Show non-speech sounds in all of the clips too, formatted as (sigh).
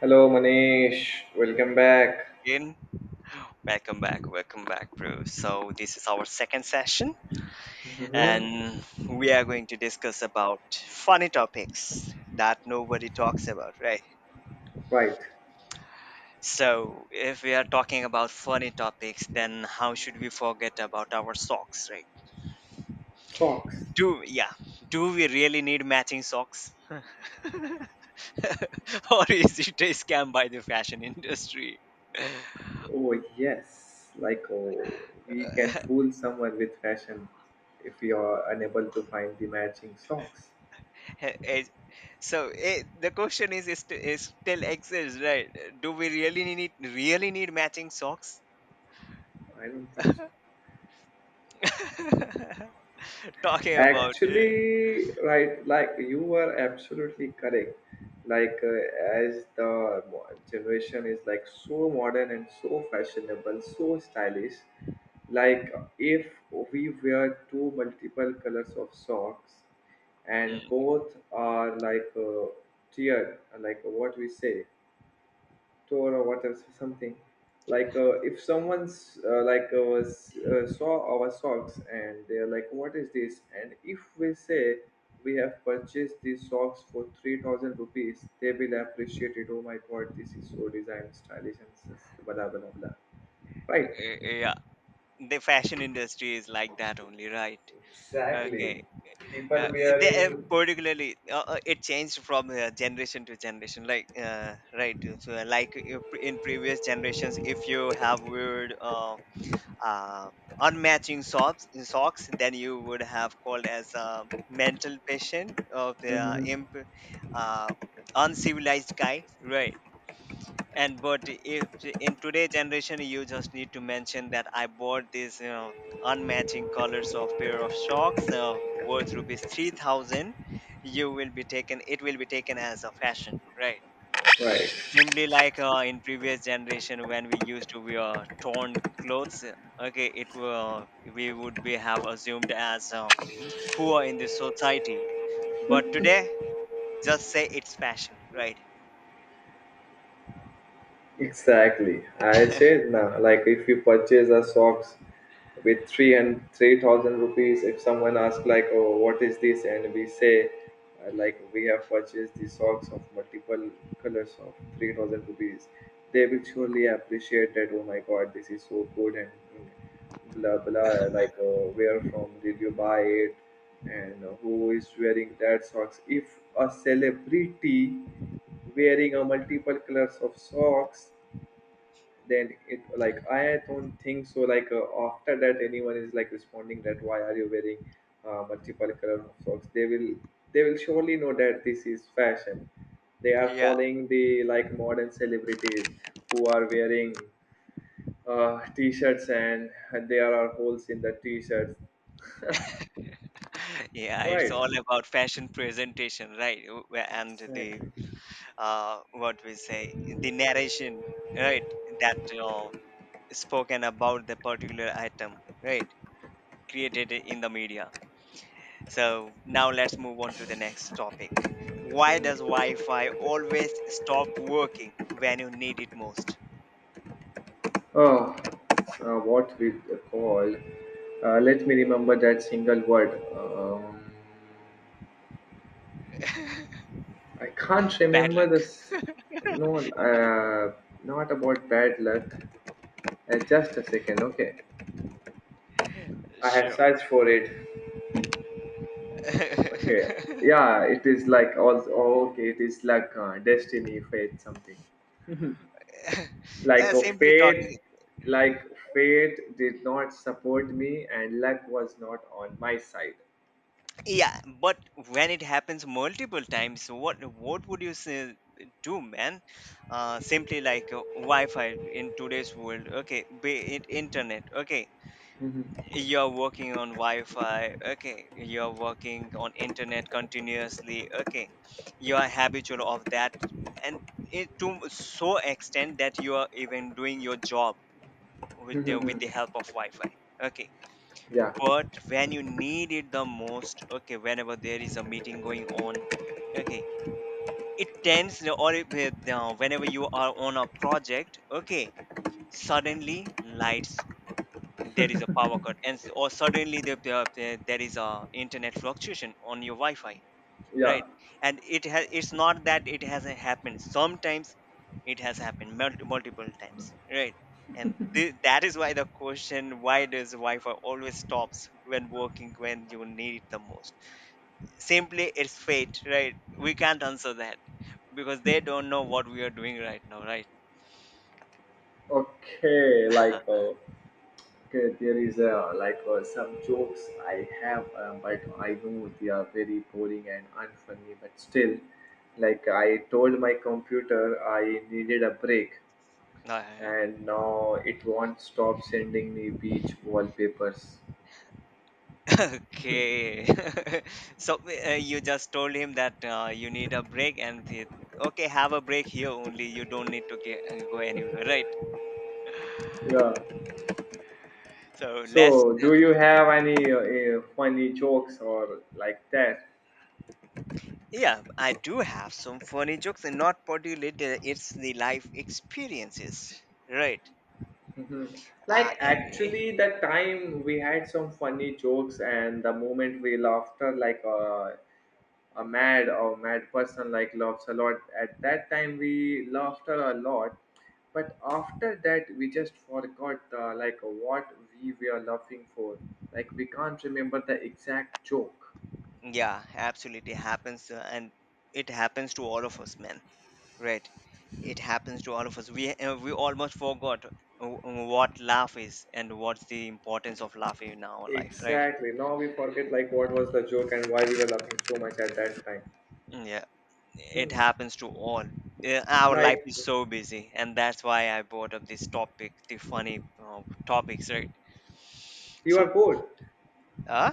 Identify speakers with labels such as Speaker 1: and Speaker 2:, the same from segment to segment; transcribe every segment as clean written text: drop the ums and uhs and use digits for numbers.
Speaker 1: Hello, Manish. Welcome back.
Speaker 2: Again. Welcome back, bro. So this is our second session,
Speaker 1: hmm
Speaker 2: and we are going to discuss about funny topics that nobody talks about, right?
Speaker 1: Right.
Speaker 2: So if we are talking about funny topics, then how should we forget about our socks, right?
Speaker 1: Socks.
Speaker 2: Do Yeah, do we really need matching socks, (laughs) or is it a scam by the fashion industry?
Speaker 1: Oh, yes. Like, oh, we can
Speaker 2: (laughs)
Speaker 1: fool someone with fashion if we are unable to find the matching socks.
Speaker 2: Ha- is- the question is still exists, right? Do we really need matching socks.
Speaker 1: I don't think so.
Speaker 2: (laughs) Talking about it.
Speaker 1: Actually, right, like you were absolutely correct. Like, as the generation is like so modern and so fashionable, so stylish, like if we wear two multiple colors of socks and
Speaker 2: Mm.
Speaker 1: both are like tiered, like what we say store or whatever so something like if someone's like was, saw our socks and they're like what is this, and if we say we have purchased these socks for 3000 rupees, they will appreciate it. Oh my god, this is so design, stylish and blah blah blah, right?
Speaker 2: Yeah, the fashion industry is like that only, right?
Speaker 1: Exactly.
Speaker 2: Okay. uh,
Speaker 1: People wearing.
Speaker 2: Particularly, it changed from generation to generation, like, right? If, like, in previous generations, if you have weird, uh, unmatching socks in socks, then you would have called as a mental patient of the,
Speaker 1: Mhm.
Speaker 2: uh, uncivilized guy, right? And but if in today's generation you just need to mention that I bought this unmatching colors of pair of socks, worth rupees 3000, you will be taken as a fashion, right?
Speaker 1: Right.
Speaker 2: Simply like, in previous generation, when we used to wear torn clothes, okay, it were we would be have assumed as, poor in the society. But today, just say it's fashion, right?
Speaker 1: Exactly. I
Speaker 2: (laughs)
Speaker 1: said now, like if you purchase a socks with three thousand rupees, if someone asks like oh what is this and we say, like we have purchased the socks of multiple colors of 3000 rupees, they will surely appreciate that. Oh my god, this is so good and mm, blah blah, like where from did you buy it, and who is wearing that socks? If a celebrity wearing a multiple colors of socks, then it like I don't think so, like after that anyone is like responding that why are you wearing multiple color of socks. They will they will surely know that this is fashion. They are
Speaker 2: Yeah,
Speaker 1: following the like modern celebrities who are wearing t-shirts and there are holes in the t-shirts. (laughs)
Speaker 2: yeah, it's
Speaker 1: Right.
Speaker 2: all about fashion presentation, right? And the,
Speaker 1: Exactly.
Speaker 2: what we say, the narration, right? That, uh, spoken about the particular item, right? Created in the media. So now let's move on to the next topic. Why does Wi Fi always stop working when you need it most?
Speaker 1: Oh, what we call, let me remember that single word. I can't
Speaker 2: Bad
Speaker 1: remember
Speaker 2: luck.
Speaker 1: this. No, not about bad luck. Just a second, okay. I have
Speaker 2: Sure.
Speaker 1: searched for it. Okay.
Speaker 2: (laughs)
Speaker 1: Yeah, it is like also, oh, okay. It is like destiny, fate, something. Like a
Speaker 2: Simply
Speaker 1: fate,
Speaker 2: talking.
Speaker 1: like fate did not support me, and luck was not on my side.
Speaker 2: Yeah, but when it happens multiple times, what would you say, do, man? Simply like, Wi Fi in today's world, okay, be it internet, okay,
Speaker 1: Mhm.
Speaker 2: you're working on wi-fi, okay, you're working on internet continuously, okay, you are habitual of that, and it to so extent that you are even doing your job with
Speaker 1: Mhm,
Speaker 2: the, with the
Speaker 1: mhm.
Speaker 2: help of wi-fi, okay.
Speaker 1: yeah,
Speaker 2: But when you need it the most, okay, whenever there is a meeting going on, okay, it tends, or whenever you are on a project, okay, suddenly lights, there is a power cut, and or suddenly there is a internet fluctuation on your wi-fi,
Speaker 1: yeah.
Speaker 2: right? And it's not that it hasn't happened sometimes. It has happened multiple times, right? And that is why the question, why does wi-fi always stops when working when you need it the most? Simply it's fate, right? We can't answer that because they don't know what we are doing right now, right?
Speaker 1: Okay, like okay, there is some jokes I have, but I know they are very boring and unfunny. But still, like I told my computer, I needed a break,
Speaker 2: (laughs)
Speaker 1: and now it won't stop sending me beach wallpapers.
Speaker 2: Okay. (laughs) So, you just told him that, you need a break, and he, okay, have a break here only. You don't need to go anywhere, right?
Speaker 1: Yeah.
Speaker 2: So let's
Speaker 1: So, do
Speaker 2: yeah,
Speaker 1: you have any funny jokes or like that?
Speaker 2: yeah, I do have some funny jokes, and not particularly, it's the life experiences, right?
Speaker 1: Mhm.
Speaker 2: Uh,
Speaker 1: Like
Speaker 2: and eh,
Speaker 1: actually, the time we had some funny jokes, and the moment we laughed, like a mad person like laughs a lot. At that time we laughed a lot, but after that we just forgot, like what we were laughing for. Like, we can't remember the exact joke.
Speaker 2: yeah, absolutely happens, and it happens to all of us, man. Right. It happens to all of us. We almost forgot w- what laugh is and what's the importance of laughing in our life, right?
Speaker 1: Exactly, now we forget like what was the joke and why we were laughing so much at that time.
Speaker 2: Mm, yeah,
Speaker 1: Hmm.
Speaker 2: it happens to all. Our life
Speaker 1: Like,
Speaker 2: is so busy, and that's why I brought up this topic, the funny, topics, right?
Speaker 1: you are
Speaker 2: So,
Speaker 1: bored.
Speaker 2: uh,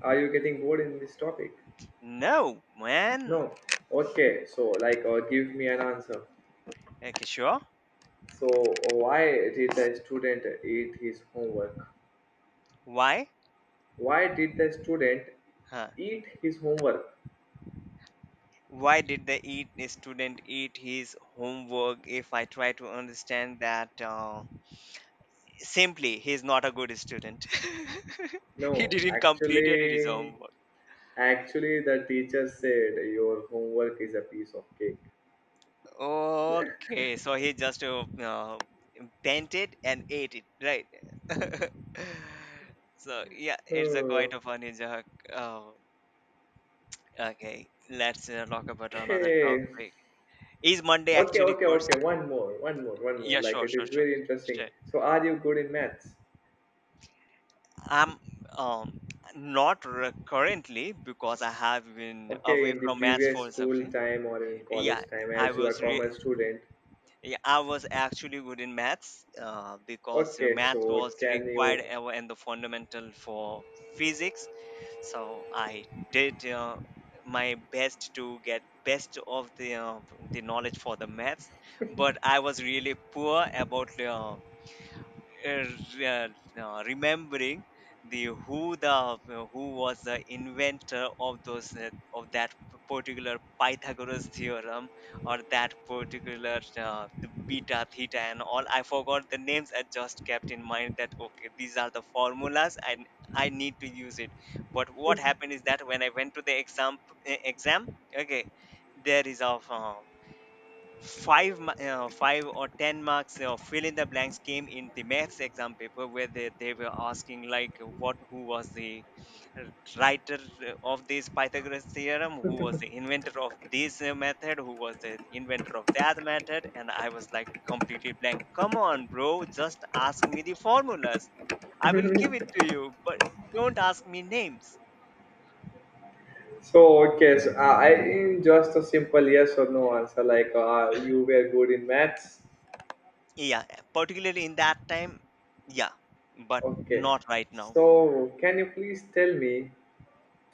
Speaker 1: Are you getting bored in this topic?
Speaker 2: no,
Speaker 1: No.
Speaker 2: man.
Speaker 1: Okay, so like give me an answer.
Speaker 2: Okay, sure.
Speaker 1: So, why did the student eat his homework?
Speaker 2: Why?
Speaker 1: Why did the student
Speaker 2: Huh.
Speaker 1: eat his homework?
Speaker 2: Why did the student eat his homework? If I try to understand that, simply, he's not a good student. (laughs) He
Speaker 1: No,
Speaker 2: didn't completed his
Speaker 1: actually,
Speaker 2: homework.
Speaker 1: actually the teacher said your homework is a piece of cake.
Speaker 2: Okay, so he just, bent it and ate it, right? (laughs) So yeah, it's a quite
Speaker 1: Oh,
Speaker 2: a funny joke. Oh, okay, let's, talk about another
Speaker 1: okay,
Speaker 2: topic. Is Monday
Speaker 1: okay,
Speaker 2: actually
Speaker 1: okay,
Speaker 2: first?
Speaker 1: okay. One more, one more, one more.
Speaker 2: Yeah,
Speaker 1: Like,
Speaker 2: sure,
Speaker 1: it
Speaker 2: sure,
Speaker 1: is
Speaker 2: sure.
Speaker 1: very interesting.
Speaker 2: Sure.
Speaker 1: So, are you good in maths?
Speaker 2: I'm um not currently, because I have been
Speaker 1: Okay,
Speaker 2: away
Speaker 1: in the
Speaker 2: from maths
Speaker 1: previous
Speaker 2: for
Speaker 1: school
Speaker 2: something.
Speaker 1: time or in college
Speaker 2: Yeah,
Speaker 1: time,
Speaker 2: I
Speaker 1: as you are
Speaker 2: was re-
Speaker 1: commerce student.
Speaker 2: Yeah, I was actually good in maths, because,
Speaker 1: Okay, so
Speaker 2: math was
Speaker 1: can you.
Speaker 2: required ever and the fundamental for physics. So I did, my best to get best of the, the knowledge for the maths, but I was really poor about, uh, re- uh, remembering the who was the inventor of those of that particular Pythagoras theorem, or that particular, the beta theta and all. I forgot the names. I just kept in mind that okay, these are the formulas and I need to use it. But what happened is that when I went to the exam, okay, there is a, five or ten marks or fill in the blanks came in the maths exam paper, where they were asking like what who was the, uh, writer, of this Pythagoras theorem, who was the inventor of this, method, who was the inventor of that method, and I was like completely blank. Come on, bro, just ask me the formulas, I will give it to you. But don't ask me names.
Speaker 1: So okay, so I just a simple yes or no answer, like you were good in maths.
Speaker 2: Yeah, particularly in that time, yeah, but
Speaker 1: Okay,
Speaker 2: not right now.
Speaker 1: so can you please tell me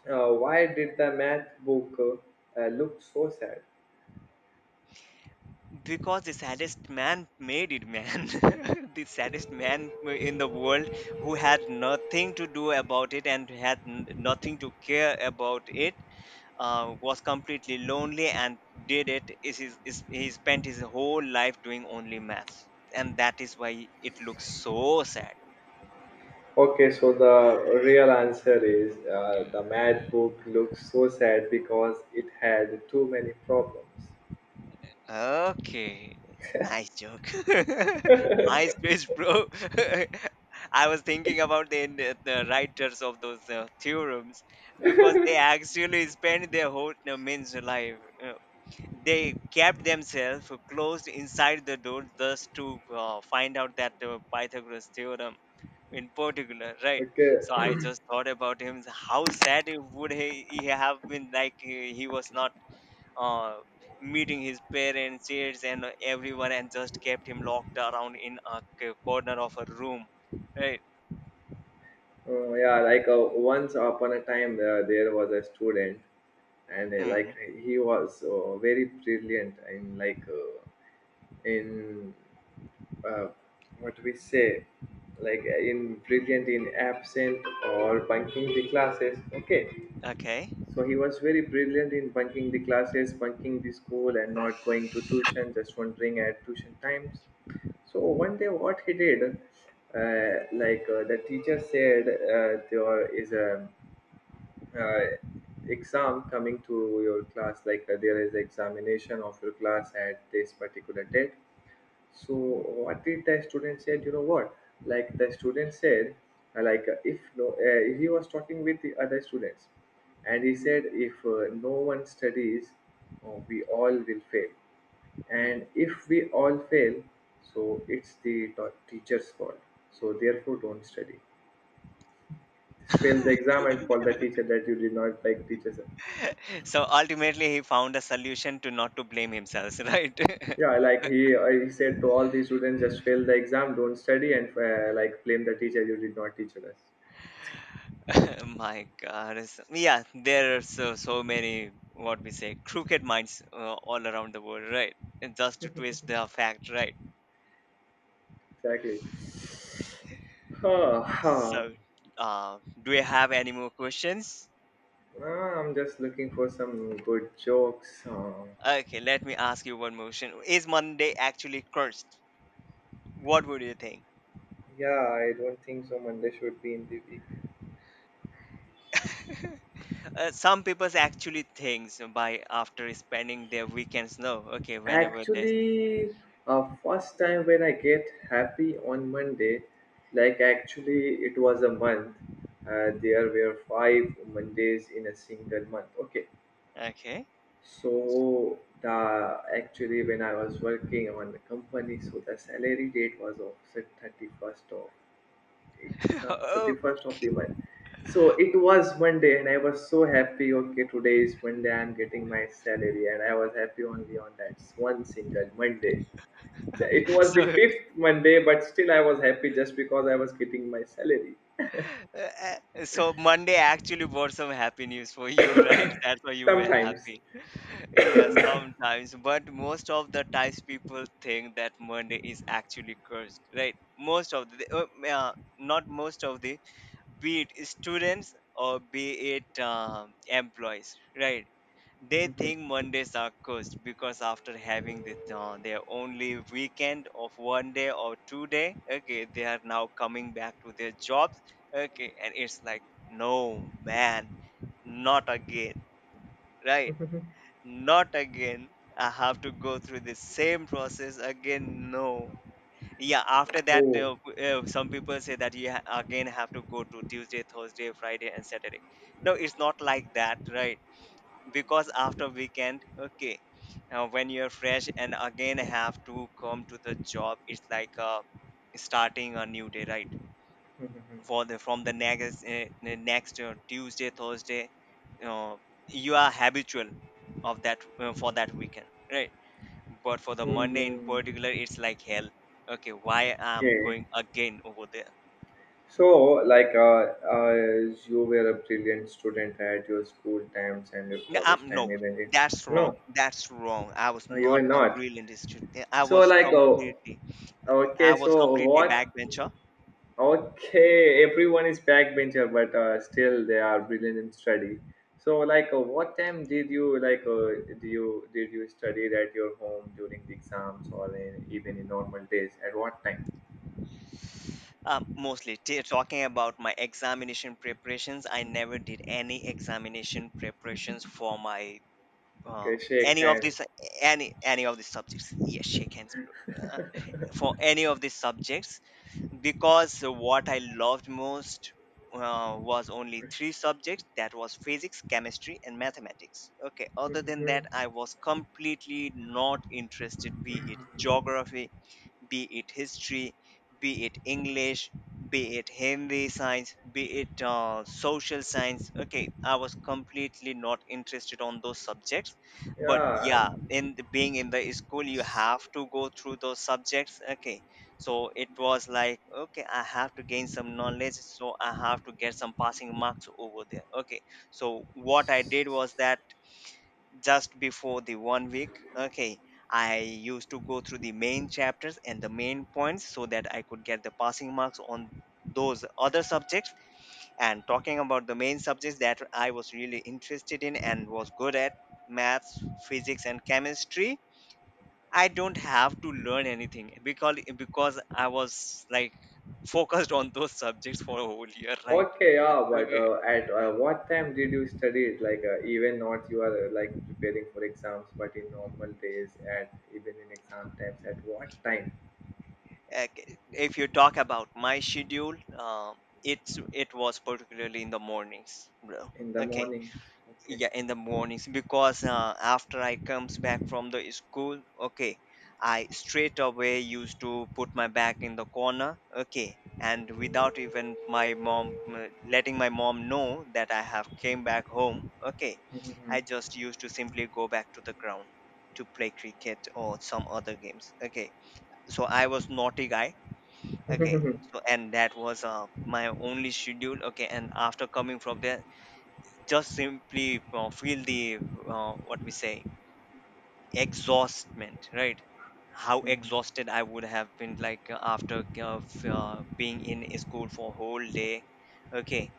Speaker 1: why did the math book look so sad?
Speaker 2: Because the saddest man made it, man. (laughs) The saddest man in the world, who had nothing to do about it and had nothing to care about it, was completely lonely and did it. He spent his whole life doing only maths. And that is why it looks so sad.
Speaker 1: Okay, so the real answer is the math book looks so sad because it had too many problems.
Speaker 2: Okay. Nice joke. (laughs) MySpace, bro. (laughs) I was thinking about the writers of those, theorems, because they actually spent their whole, means life. uh, they kept themselves closed inside the door thus to, find out that, Pythagoras theorem in particular, right?
Speaker 1: Okay.
Speaker 2: So I just thought about him. How sad it would he have been, like, he was not, uh, meeting his parents, aides, and everyone, and just kept him locked around in a corner of a room. Right.
Speaker 1: Oh, yeah, like once upon a time, there was a student, and
Speaker 2: Hmm.
Speaker 1: like he was very brilliant in like in uh, what we say, like in brilliant in absent or bunking the classes. Okay,
Speaker 2: Okay.
Speaker 1: so he was very brilliant in bunking the classes, bunking the school, and not going to tuition, just wandering at tuition times. So one day, what he did, like the teacher said, there is a uh, exam coming to your class, like there is examination of your class at this particular date. So what did the student said? You know what? Like the student said, if no, he was talking with the other students, and he said, if no one studies, we all will fail.
Speaker 2: Hmm.
Speaker 1: And if we all fail, so it's the teacher's fault. So therefore, don't study. Just fail the
Speaker 2: (laughs)
Speaker 1: exam and fault the teacher that you did not like teachers.
Speaker 2: So ultimately, he found a solution to not to blame himself. (laughs) Right.
Speaker 1: Yeah, like he said to all the students, just fail the exam, don't study, and like blame the teacher you did not teach us.
Speaker 2: (laughs) My God. Yeah, there are so many what we say crooked minds, all around the world. Right. And just to twist the fact. Right.
Speaker 1: Exactly. Huh, huh.
Speaker 2: So, do you have any more questions?
Speaker 1: Ah, I'm just looking for some good jokes.
Speaker 2: Okay, let me ask you one question: is Monday actually cursed? What would you think?
Speaker 1: Yeah, I don't think so. Monday should be in the week.
Speaker 2: Some people actually thinks by after spending their weekends. No, okay, whenever there's
Speaker 1: Actually, first time when I get happy on Monday, like actually it was a month. There were 5 Mondays in a single month. Okay,
Speaker 2: okay.
Speaker 1: so the actually when I was working on the company, so the salary date was of thirty first of
Speaker 2: (laughs)
Speaker 1: exam
Speaker 2: Oh,
Speaker 1: 31st of the month. So it was Monday and I was so happy. Okay, today is Monday, I'm getting my salary. And I was happy only on that one single Monday. It was the
Speaker 2: so
Speaker 1: fifth Monday, but still I was happy just because I was getting my salary.
Speaker 2: so Monday actually brought some happy news for you, right? (laughs) That's why you were
Speaker 1: Sometimes.
Speaker 2: happy. (laughs) Yeah, sometimes, but most of the times people think that Monday is actually cursed, right? Most of the, not most of the, be it students or be it, employees, right? They
Speaker 1: Mhm.
Speaker 2: think Mondays are cursed because after having this, their only weekend of 1 day or 2 day, okay, they are now coming back to their jobs, okay, and it's like, no man, not again, right?
Speaker 1: (laughs)
Speaker 2: Not again. I have to go through the same process again. No, yeah, after that,
Speaker 1: Oh.
Speaker 2: some people say that you again have to go to Tuesday, Thursday, Friday, and Saturday. No, it's not like that, right? Because after weekend, okay, when you're fresh and again have to come to the job, it's like, starting a new day, right?
Speaker 1: Mhm.
Speaker 2: For the next, the next, Tuesday, Thursday, uh, you are habitual of that, for that weekend, right? But for the Monday in
Speaker 1: Mhm.
Speaker 2: particular, it's like hell. Okay, why I'm
Speaker 1: Okay,
Speaker 2: going again over there?
Speaker 1: so like uh, you were a brilliant student at your school times and your
Speaker 2: No,
Speaker 1: college time,
Speaker 2: no,
Speaker 1: isn't it?
Speaker 2: that's
Speaker 1: No,
Speaker 2: wrong. That's wrong. I was
Speaker 1: no, you were
Speaker 2: not a
Speaker 1: not.
Speaker 2: brilliant student.
Speaker 1: So like, oh, okay,
Speaker 2: I was
Speaker 1: so
Speaker 2: completely
Speaker 1: what.
Speaker 2: backbencher.
Speaker 1: Okay, everyone is backbencher, but still they are brilliant in study. So like what time did you like do you did you study at your home during the exams or in, even in normal days, at what time?
Speaker 2: Mostly talking about my examination preparations. I never did any examination preparations for my, uh,
Speaker 1: Okay, shake
Speaker 2: any of
Speaker 1: hand.
Speaker 2: this any of these subjects. Yes, shake hands, bro. Uh, for any of these subjects, because what I loved most, was only three subjects, that was physics, chemistry, and mathematics. Okay, other than that, I was completely not interested, be it geography, be it history, be it English, be it Hindi science, be it, social science. Okay, I was completely not interested on those subjects,
Speaker 1: (laughs)
Speaker 2: but
Speaker 1: Yeah.
Speaker 2: yeah, being in the school, you have to go through those subjects. Okay, so it was like okay, I have to gain some knowledge, so I have to get some passing marks over there. Okay, so what I did was that just before the 1 week, I used to go through the main chapters and the main points so that I could get the passing marks on those other subjects. And talking about the main subjects that I was really interested in and was good at, maths, physics and chemistry, I don't have to learn anything because I was like focused on those subjects for a whole year, right?
Speaker 1: Okay, yeah, but
Speaker 2: Okay.
Speaker 1: at what time did you study it? Like, even not you are like preparing for exams, but in normal days, at even in exam times, at what time?
Speaker 2: If you talk about my schedule, it was particularly in the mornings, bro.
Speaker 1: In the
Speaker 2: Okay,
Speaker 1: mornings. Okay.
Speaker 2: yeah, in the mornings, because after I comes back from the school, okay, I straight away used to put my back in the corner, okay, and without even my mom, letting my mom know that I have came back home, okay, I just used to simply go back to the ground to play cricket or some other games. Okay, so I was naughty guy. Okay, so and that was my only schedule. Okay, and after coming from there, just simply feel the, what we say, exhaustment, right? How exhausted I would have been, like, after being in a school for whole day. Okay,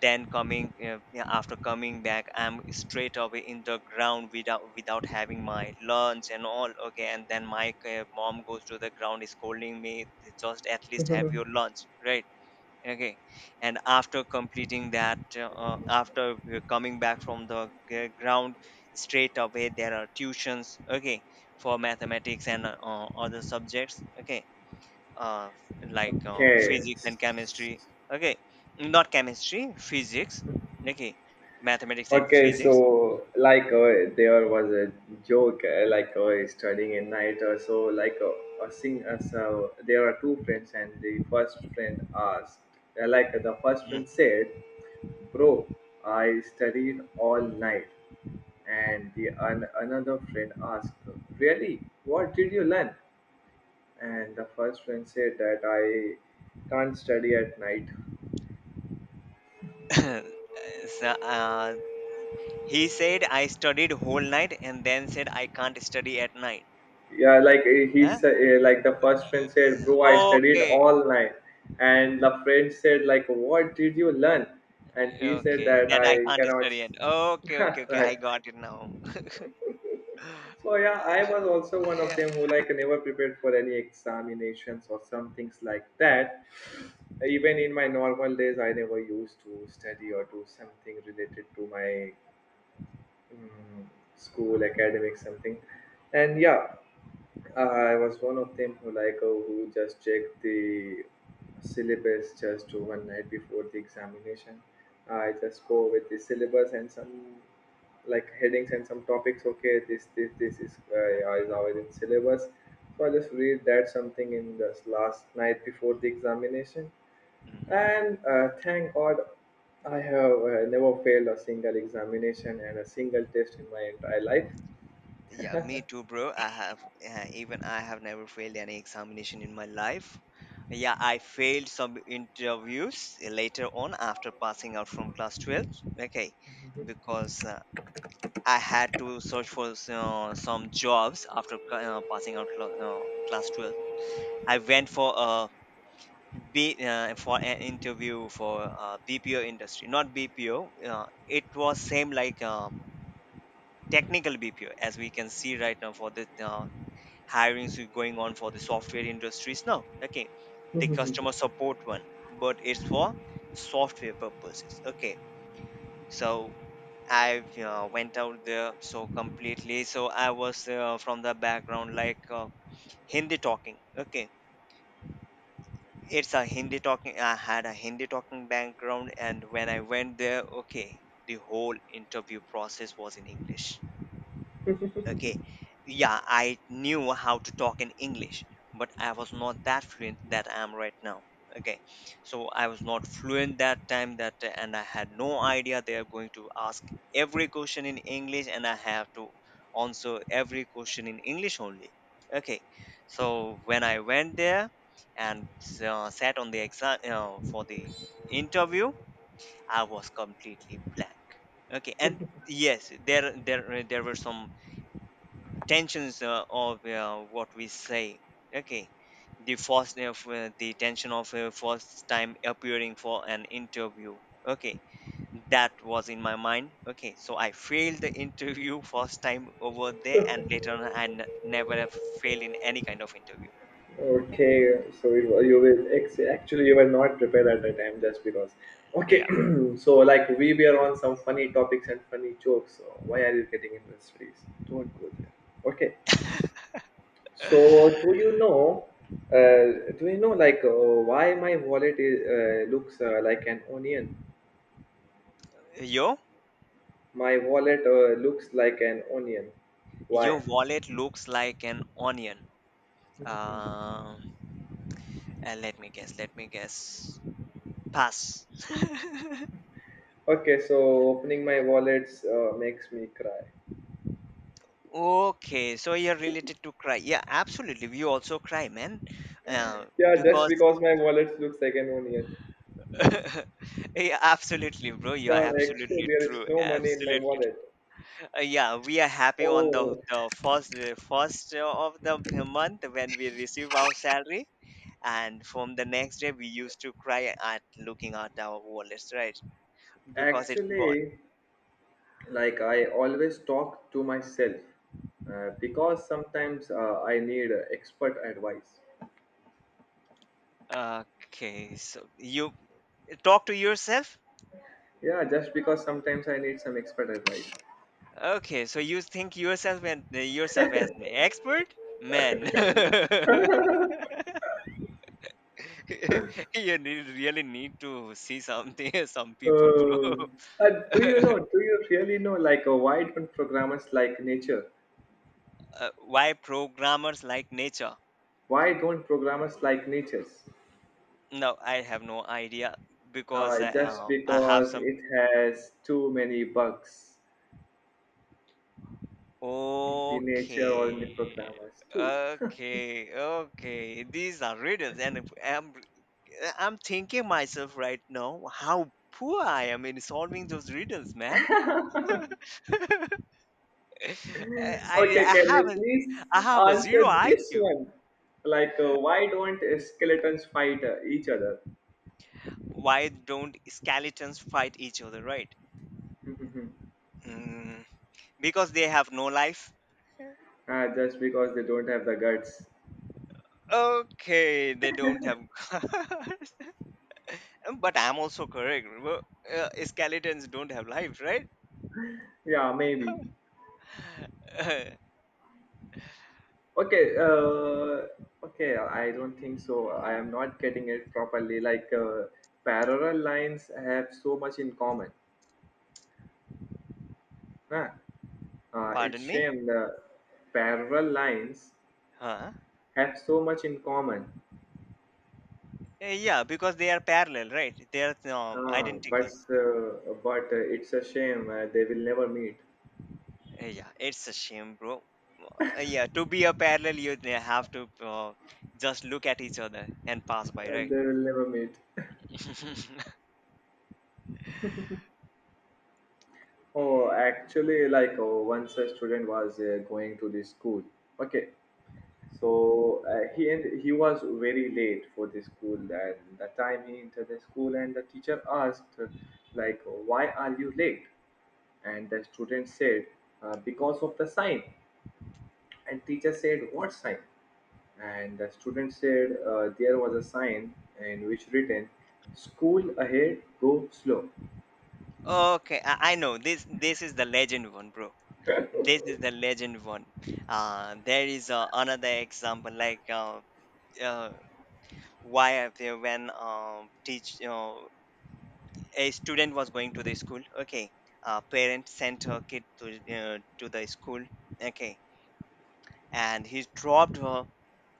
Speaker 2: then coming, yeah, after coming back, I'm straight away in the ground without having my lunch and all. Okay, and then my mom goes to the ground, is scolding me, just at least have your lunch, right? Okay. And after completing that, after we're coming back from the ground, straight away there are tuitions, okay, for mathematics and, other subjects. Okay. uh
Speaker 1: (laughs) Okay.
Speaker 2: Physics and chemistry. Okay, not chemistry, physics. Okay, mathematics and
Speaker 1: Okay,
Speaker 2: physics.
Speaker 1: so like there was a joke, like studying at night or so. Like so there are two friends, and the first friend asked, like the first friend
Speaker 2: Mm.
Speaker 1: said, "Bro, I studied all night." And another friend asked, really, what did you learn? And the first friend said that I can't study at night.
Speaker 2: (laughs) So, he said I studied whole night and then said I can't study at night.
Speaker 1: Yeah like eh, he
Speaker 2: Huh?
Speaker 1: said eh, like The first friend said, bro, I studied
Speaker 2: Okay.
Speaker 1: all night. And the friend said, like, what did you learn? And he said
Speaker 2: Okay,
Speaker 1: that
Speaker 2: that I
Speaker 1: i
Speaker 2: can't
Speaker 1: cannot
Speaker 2: study
Speaker 1: s-
Speaker 2: and
Speaker 1: (laughs)
Speaker 2: okay, okay, okay, I
Speaker 1: Right.
Speaker 2: got it now.
Speaker 1: So
Speaker 2: (laughs)
Speaker 1: yeah, I was also one of
Speaker 2: Yeah.
Speaker 1: them who like never prepared for any examinations or some things like that. Even in my normal days, I never used to study or do something related to my mm, school, academic something. And yeah, I was one of them who like who just checked the syllabus just one night before the examination. I just go with the syllabus and some like headings and some topics. Okay, this is always in syllabus. So I just read that something in this last night before the examination,
Speaker 2: Hmm.
Speaker 1: and thank God I have never failed a single examination and a single test in my entire life.
Speaker 2: Yeah, me too, bro. I have, even I have never failed any examination in my life. Yeah, I failed some interviews later on after passing out from class 12. Okay, because I had to search for some jobs after passing out class 12. I went for a be for an interview for, BPO industry, not BPO. It was same like, technical BPO, as we can see right now for the, hirings we going on for the software industries now. Okay, the
Speaker 1: (laughs)
Speaker 2: customer support one, but it's for software purposes. Okay, so I, went out there so completely. So I was, from the background like, Hindi talking. Okay, it's a Hindi talking. I had a Hindi talking background, and when I went there, okay, the whole interview process was in English. Okay. Yeah, I knew how to talk in English, but I was not that fluent that I am right now. Okay. So I was not fluent that time that, and I had no idea they are going to ask every question in English, and I have to answer every question in English only. Okay. So when I went there and, sat on the exam, for the interview, I was completely blank. Okay. And yes, there were some tensions, of what we say, okay, the tension of, first time appearing for an interview, okay, that was in my mind. Okay, so I failed the interview (laughs) first time over there, and later on I never have failed in any kind of interview.
Speaker 1: Okay, so you will actually you were not prepared at the time just because. Okay,
Speaker 2: Yeah.
Speaker 1: (clears throat) so like we were on some funny topics and funny jokes. So why are you getting in this space? Don't go there. Okay, so do you know? Do you know, like why my wallet is, looks like an onion?
Speaker 2: Yo,
Speaker 1: My wallet looks like an onion. Why?
Speaker 2: your wallet looks like an onion.
Speaker 1: Mhm.
Speaker 2: Uh, let me guess. Pass. (laughs)
Speaker 1: Okay, so opening my wallets makes me cry.
Speaker 2: Okay, so you're related to cry. Yeah, absolutely. We also cry, man. Uh,
Speaker 1: Yeah, just
Speaker 2: because
Speaker 1: because my wallet looks like an onion.
Speaker 2: (laughs) yeah, absolutely, bro. You are
Speaker 1: God, actually,
Speaker 2: absolutely
Speaker 1: there is
Speaker 2: true.
Speaker 1: no money in my
Speaker 2: Absolutely
Speaker 1: wallet.
Speaker 2: true. Yeah, we are happy on the
Speaker 1: Oh.
Speaker 2: first of the month when we receive our salary, and from the next day we used to cry at looking at our wallets, right? Because it's gone.
Speaker 1: Actually, like I always talk to myself because sometimes I need expert advice.
Speaker 2: Okay, so you talk to yourself.
Speaker 1: Yeah, just because sometimes I need some expert advice.
Speaker 2: Okay, so you think yourself and, yourself as an expert? Man, (laughs) you need, really need to see something, (laughs) some people, bro.
Speaker 1: Oh. Do you know?
Speaker 2: (laughs)
Speaker 1: Do you really know? Like, why don't programmers like nature?
Speaker 2: Why programmers like nature?
Speaker 1: Why don't programmers like natures?
Speaker 2: No, I have no idea because,
Speaker 1: Just
Speaker 2: I have
Speaker 1: because
Speaker 2: some.
Speaker 1: it has too many bugs in the nature or in the
Speaker 2: Okay,
Speaker 1: programmers too.
Speaker 2: okay, okay. These are riddles, and if I'm thinking myself right now how poor I am in solving those riddles, man. (laughs) (laughs) I,
Speaker 1: Okay,
Speaker 2: I
Speaker 1: can
Speaker 2: have
Speaker 1: you
Speaker 2: not,
Speaker 1: please
Speaker 2: I have a
Speaker 1: answer
Speaker 2: zero
Speaker 1: this
Speaker 2: IQ.
Speaker 1: one? Like, why don't skeletons fight each other?
Speaker 2: Why don't skeletons fight each other, right?
Speaker 1: (laughs)
Speaker 2: Mm, because they have no life.
Speaker 1: Ah, just because they don't have the guts.
Speaker 2: Okay, they don't have. (laughs) But I'm also correct. Well, uh, skeletons don't have life, right?
Speaker 1: Yeah, maybe.
Speaker 2: (laughs)
Speaker 1: Okay, okay, I don't think so. I am not getting it properly. Like, parallel lines have so much in common. Huh?
Speaker 2: Pardon
Speaker 1: It's
Speaker 2: me?
Speaker 1: shame the parallel lines
Speaker 2: Huh?
Speaker 1: have so much in common.
Speaker 2: Yeah, because they are parallel, right? They are,
Speaker 1: Ah, but
Speaker 2: identical.
Speaker 1: uh, but uh, it's a shame they will never meet.
Speaker 2: Yeah, it's a shame, bro. Yeah, to be a parallel, you they have to, just look at each other and pass by, right?
Speaker 1: They will never meet. (laughs)
Speaker 2: (laughs)
Speaker 1: Oh, actually, like oh, once a student was going to this school. Okay, so he was very late for the school, and the time he entered the school, and the teacher asked, like, why are you late? And the student said, because of the sign. And teacher said, what sign? And the student said, there was a sign in which written, school ahead, go slow.
Speaker 2: Okay, I know this. This is the legend one, bro.
Speaker 1: (laughs)
Speaker 2: This is the legend one. There is, another example like, uh, why I feel when teach a student was going to the school. Okay, parent sent her kid to, to the school. Okay, and he dropped her,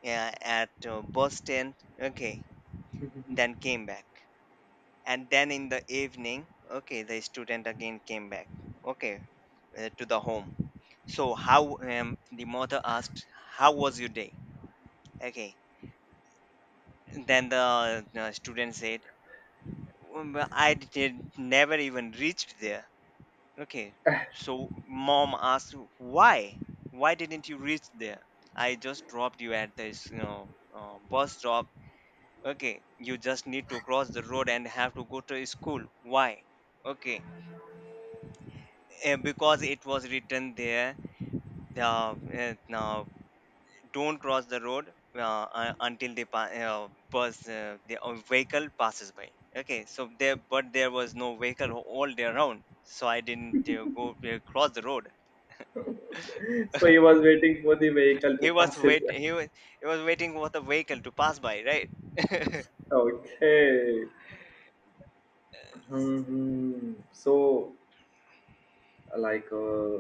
Speaker 2: yeah, at, Boston, okay, then came back. And then in the evening, okay, the student again came back, okay, to the home. So, how, the mother asked, how was your day? Okay, then the, student said, well, I did never even reached there. Okay, so mom asked, why? Why didn't you reach there? I just dropped you at this, you know, bus stop, okay, you just need to cross the road and have to go to school, why, okay, because it was written there, now don't cross the road, until the bus, the vehicle passes by. Okay, so there, but there was no vehicle all day around, so I didn't, go cross the road.
Speaker 1: So he
Speaker 2: (laughs)
Speaker 1: was waiting for the vehicle to
Speaker 2: he was
Speaker 1: pass his
Speaker 2: wait
Speaker 1: way.
Speaker 2: he was he was waiting for the vehicle to pass by, right? (laughs)
Speaker 1: Okay. Hmm. So, like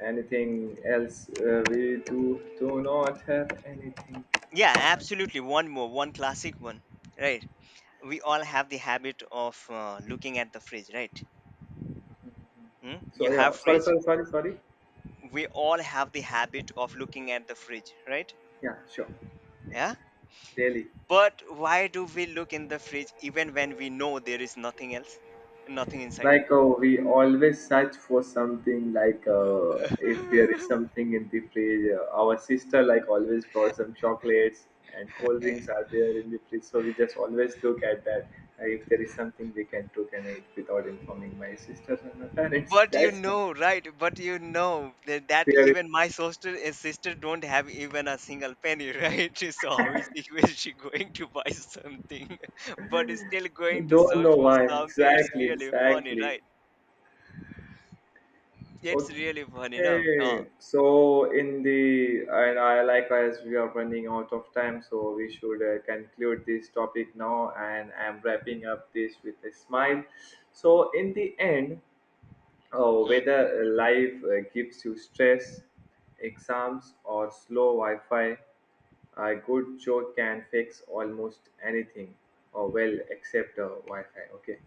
Speaker 1: anything else, we do do not have anything
Speaker 2: Yeah,
Speaker 1: else, right?
Speaker 2: absolutely, one more, one classic one. Right, we all have the habit of, looking at the fridge, right? Mm?
Speaker 1: So
Speaker 2: You have
Speaker 1: yeah, sorry
Speaker 2: fridge.
Speaker 1: sorry sorry sorry
Speaker 2: We all have the habit of looking at the fridge, right?
Speaker 1: Yeah, sure.
Speaker 2: Yeah,
Speaker 1: Exactly. Delhi.
Speaker 2: but why do we look in the fridge even when we know there is nothing else, nothing inside?
Speaker 1: Like, we always search for something, like if there is
Speaker 2: (laughs)
Speaker 1: something in the fridge. Our sister like always brought some chocolates and cold drinks are there in the fridge, so we just always look at that. If there is something we can cook and eat without informing my sisters and my parents, (laughs)
Speaker 2: But you
Speaker 1: that's
Speaker 2: know, right? But you know that,
Speaker 1: there. Is,
Speaker 2: even my sister, sister don't have even a single penny, right? (laughs) So how is she going to buy something? (laughs) But is still going to
Speaker 1: don't
Speaker 2: search
Speaker 1: know
Speaker 2: for
Speaker 1: why.
Speaker 2: something. It's
Speaker 1: Exactly,
Speaker 2: really funny,
Speaker 1: exactly.
Speaker 2: right? It's really funny, no? No.
Speaker 1: Okay, so in the and I like, as we are running out of time, so we should conclude this topic now, and I'm wrapping up this with a smile. So in the end, whether
Speaker 2: Mhm.
Speaker 1: life gives you stress, exams, or slow Wi-Fi, a good joke can fix almost anything, or well, except Wi-Fi. Okay,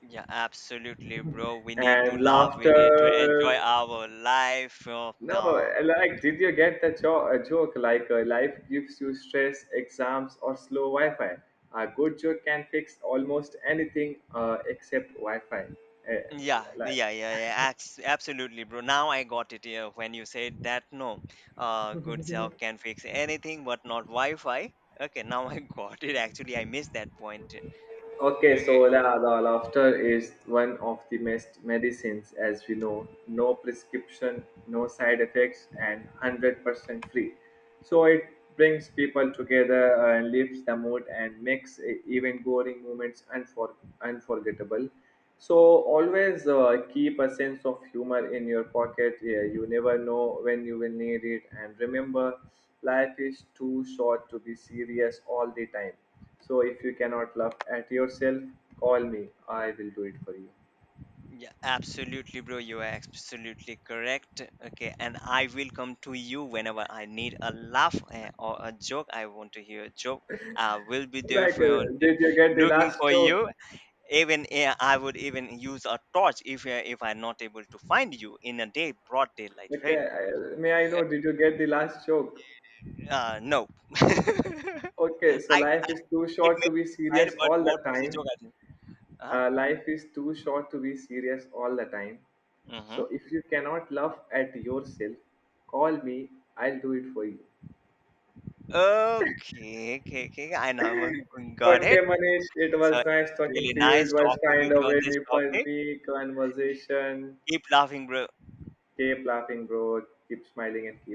Speaker 2: Yeah, absolutely, bro. We need to
Speaker 1: and
Speaker 2: laugh. We need to
Speaker 1: laughter.
Speaker 2: enjoy our life.
Speaker 1: No, like, did you get the joke? Like, life gives you stress, exams, or slow Wi Fi. A good joke can fix almost anything except Wi Fi. Uh,
Speaker 2: Yeah,
Speaker 1: like.
Speaker 2: yeah, yeah, yeah. Absolutely, bro. Now I got it. Yeah, when you said that, no, good job can fix anything, but not Wi-Fi. Okay, now I (laughs) got it. Actually, I missed that point.
Speaker 1: Okay, so
Speaker 2: Okay.
Speaker 1: the laughter is one of the best medicines, as we know. No prescription, no side effects, and 100% free. So it brings people together and lifts the mood and makes even boring moments unforgettable. So always keep a sense of humor in your pocket. Yeah, you never know when you will need it. And remember, life is too short to be serious all the time. So if you cannot laugh at yourself, call me. I will do it for you.
Speaker 2: Yeah, absolutely, bro. You are absolutely correct. Okay, and I will come to you whenever I need a laugh, or a joke. I want to hear a joke. I will be there
Speaker 1: Like,
Speaker 2: for you,
Speaker 1: did you get the
Speaker 2: looking
Speaker 1: last
Speaker 2: for
Speaker 1: joke?
Speaker 2: you. Even, I would even use a torch if, if I'm not able to find you in a day, broad daylight, right?
Speaker 1: Okay, may I know, did you get the last joke?
Speaker 2: No. (laughs)
Speaker 1: Okay, so
Speaker 2: I,
Speaker 1: life is too
Speaker 2: it
Speaker 1: short
Speaker 2: may
Speaker 1: to
Speaker 2: be
Speaker 1: be
Speaker 2: fine,
Speaker 1: serious
Speaker 2: but
Speaker 1: all the
Speaker 2: what was the
Speaker 1: time.
Speaker 2: joke I did? Huh?
Speaker 1: Life is too short to be serious all the time.
Speaker 2: Mm-hmm.
Speaker 1: So if you cannot laugh at yourself, call me. I'll do it for you.
Speaker 2: Okay, okay, okay. I know. (laughs) Got
Speaker 1: Okay,
Speaker 2: it.
Speaker 1: Manish, it
Speaker 2: So
Speaker 1: was
Speaker 2: it
Speaker 1: nice
Speaker 2: was
Speaker 1: talking
Speaker 2: really
Speaker 1: to you. It
Speaker 2: nice
Speaker 1: was
Speaker 2: talking with
Speaker 1: kind
Speaker 2: you
Speaker 1: of
Speaker 2: on this
Speaker 1: a
Speaker 2: topic.
Speaker 1: funny conversation.
Speaker 2: Keep laughing, bro.
Speaker 1: Keep laughing, bro. Keep smiling and keep